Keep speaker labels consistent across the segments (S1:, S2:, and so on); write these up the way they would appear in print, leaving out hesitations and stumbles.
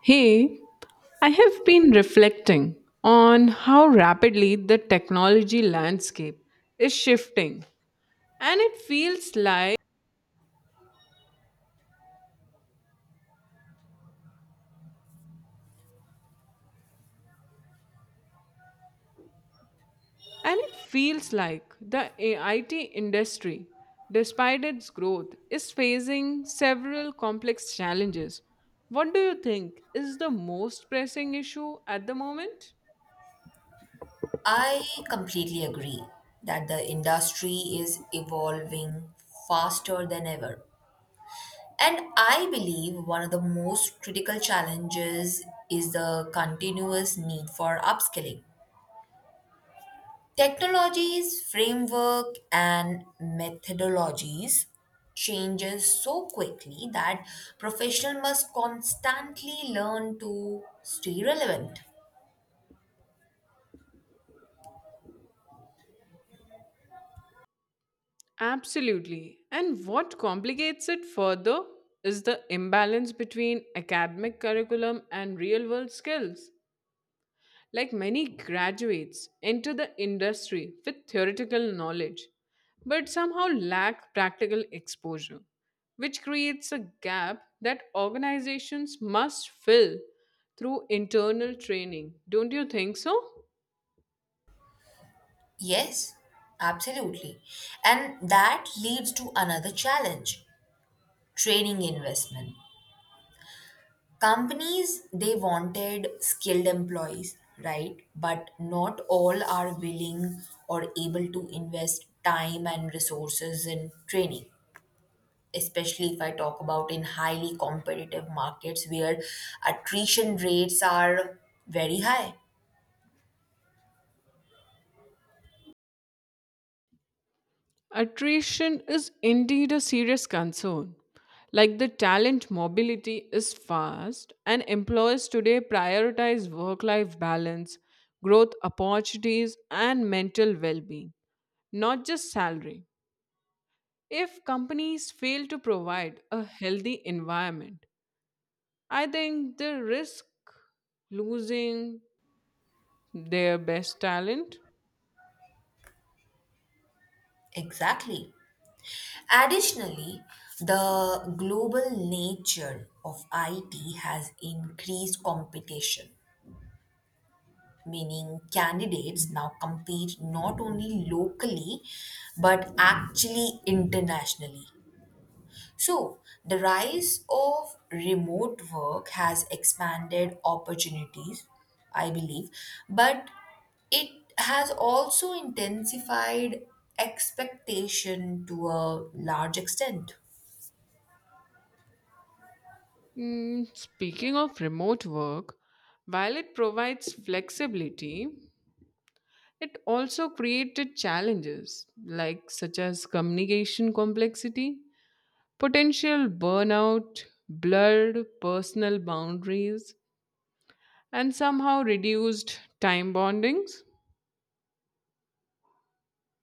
S1: Hey, I have been reflecting on how rapidly the technology landscape is shifting, and it feels like and it feels like the IT industry, despite its growth, is facing several complex challenges. What do you think is the most pressing issue at the moment?
S2: I completely agree that the industry is evolving faster than ever. And I believe one of the most critical challenges is the continuous need for upskilling. Technologies, framework, and methodologies changes so quickly that professionals must constantly learn to stay relevant.
S1: Absolutely. And what complicates it further is the imbalance between academic curriculum and real world skills. Like, many graduates enter the industry with theoretical knowledge, but somehow lack practical exposure, which creates a gap that organizations must fill through internal training. Don't you think so?
S2: Yes, absolutely. And that leads to another challenge training investment. Companies, they wanted skilled employees, right? But not all are willing or able to invest time and resources in training, especially if I talk about in highly competitive markets where attrition rates are very high.
S1: Attrition is indeed a serious concern. Like, the talent mobility is fast, and employers today prioritize work life balance, growth opportunities, and mental well being, not just salary. If companies fail to provide a healthy environment, I think they risk losing their best talent.
S2: Exactly. Additionally, the global nature of IT has increased competition, meaning candidates now compete not only locally but actually internationally. So, the rise of remote work has expanded opportunities, I believe, but it has also intensified expectation to a large extent,
S1: Mm, speaking of remote work, while it provides flexibility, it also created challenges like such as communication complexity, potential burnout, blurred personal boundaries, and somehow reduced time bondings.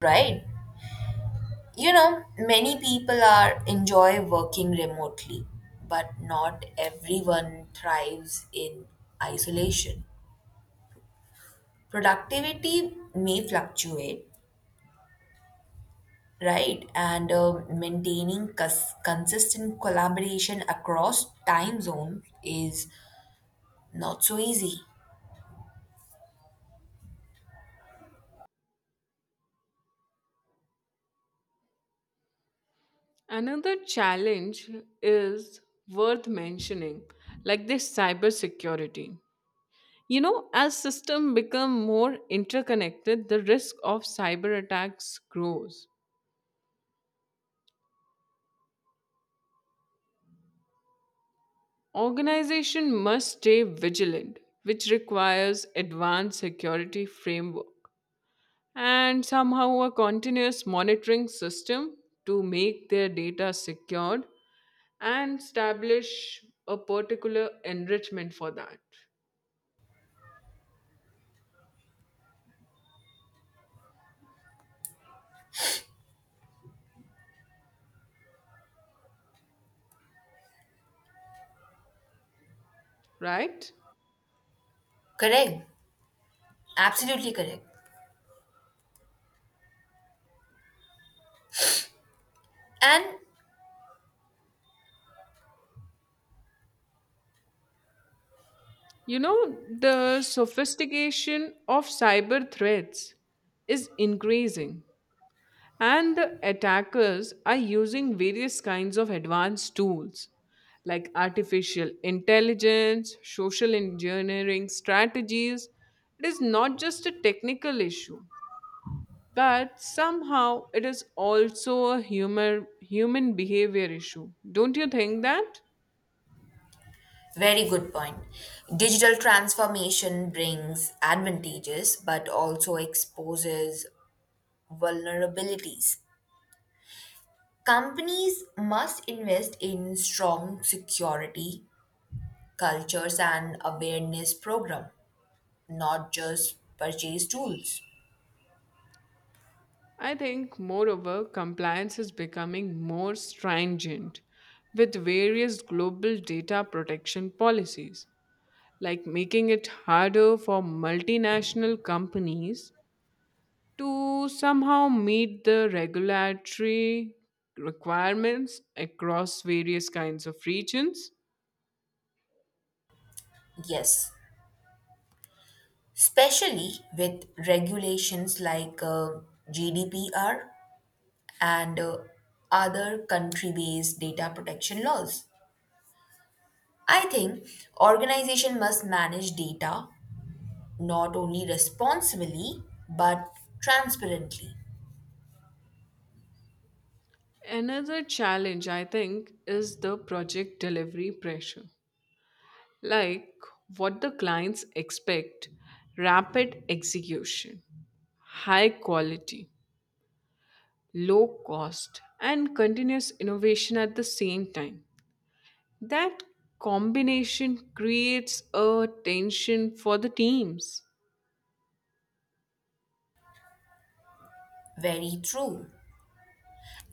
S2: right? You know, many people are enjoy working remotely, but not everyone thrives in isolation. Productivity may fluctuate, right? And maintaining consistent collaboration across time zones is not so easy.
S1: Another challenge is worth mentioning, like this cybersecurity. You know, as systems become more interconnected, the risk of cyber attacks grows. Organization must stay vigilant, which requires advanced security framework and somehow a continuous monitoring system to make their data secured and establish a particular enrichment for that, right?
S2: Correct. Absolutely correct. And
S1: You know, the sophistication of cyber threats is increasing. And the attackers are using various kinds of advanced tools like artificial intelligence, social engineering strategies. It is not just a technical issue, but somehow it is also a human behavior issue. Don't you think that?
S2: very good point. Digital transformation brings advantages but also exposes vulnerabilities. Companies must invest in strong security cultures and awareness program, not just purchase tools.
S1: I think, moreover, compliance is becoming more stringent with various global data protection policies, like making it harder for multinational companies to somehow meet the regulatory requirements across various kinds of regions.
S2: Yes, especially with regulations like GDPR and other country-based data protection laws. I think organization must manage data not only responsibly but transparently.
S1: Another challenge, I think, is the project delivery pressure. Like, what the clients expect: rapid execution, high quality, low cost, and continuous innovation at the same time. That combination creates a tension for the teams.
S2: Very true.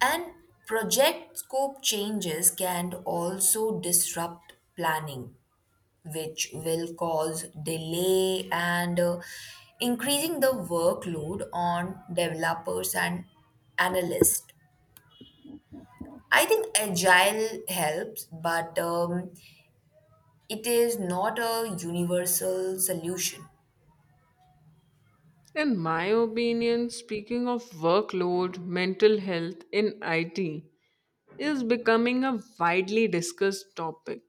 S2: And project scope changes can also disrupt planning, which will cause delay and increasing the workload on developers and analysts. I think agile helps, but it is not a universal solution.
S1: In my opinion, speaking of workload, mental health in IT is becoming a widely discussed topic.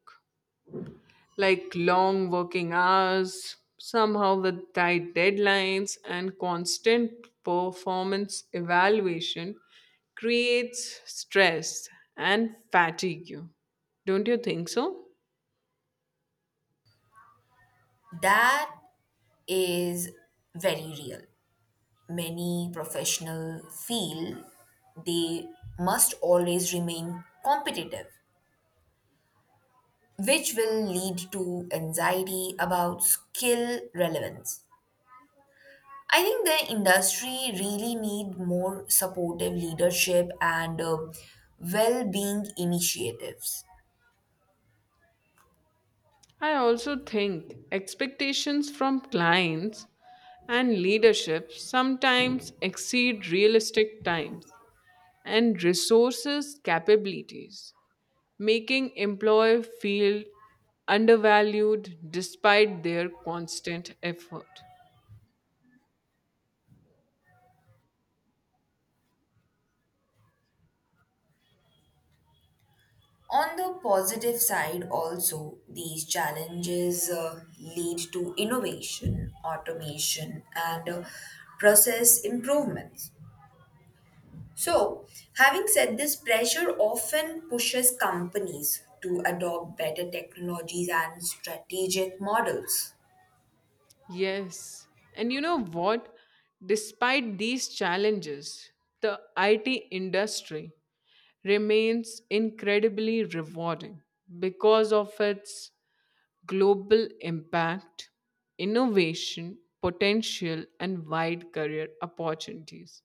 S1: Like, long working hours, somehow with tight deadlines, and constant performance evaluation creates stress and fatigue. Don't you think so?
S2: That is very real. Many professionals feel they must always remain competitive, which will lead to anxiety about skill relevance. I think the industry really need more supportive leadership and well-being initiatives.
S1: I also think expectations from clients and leadership sometimes exceed realistic times and resources capabilities, making employer feel undervalued despite their constant effort.
S2: On the positive side, also, these challenges lead to innovation, automation, and process improvements. So, having said this, pressure often pushes companies to adopt better technologies and strategic models.
S1: Yes. And you know what? Despite these challenges, the IT industry remains incredibly rewarding because of its global impact, innovation potential, and wide career opportunities.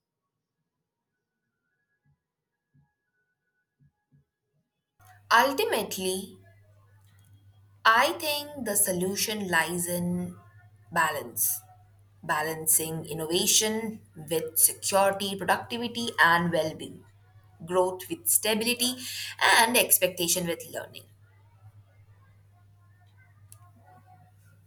S2: Ultimately, I think the solution lies in balance, balancing innovation with security, productivity, and well being, growth with stability, and expectation with learning.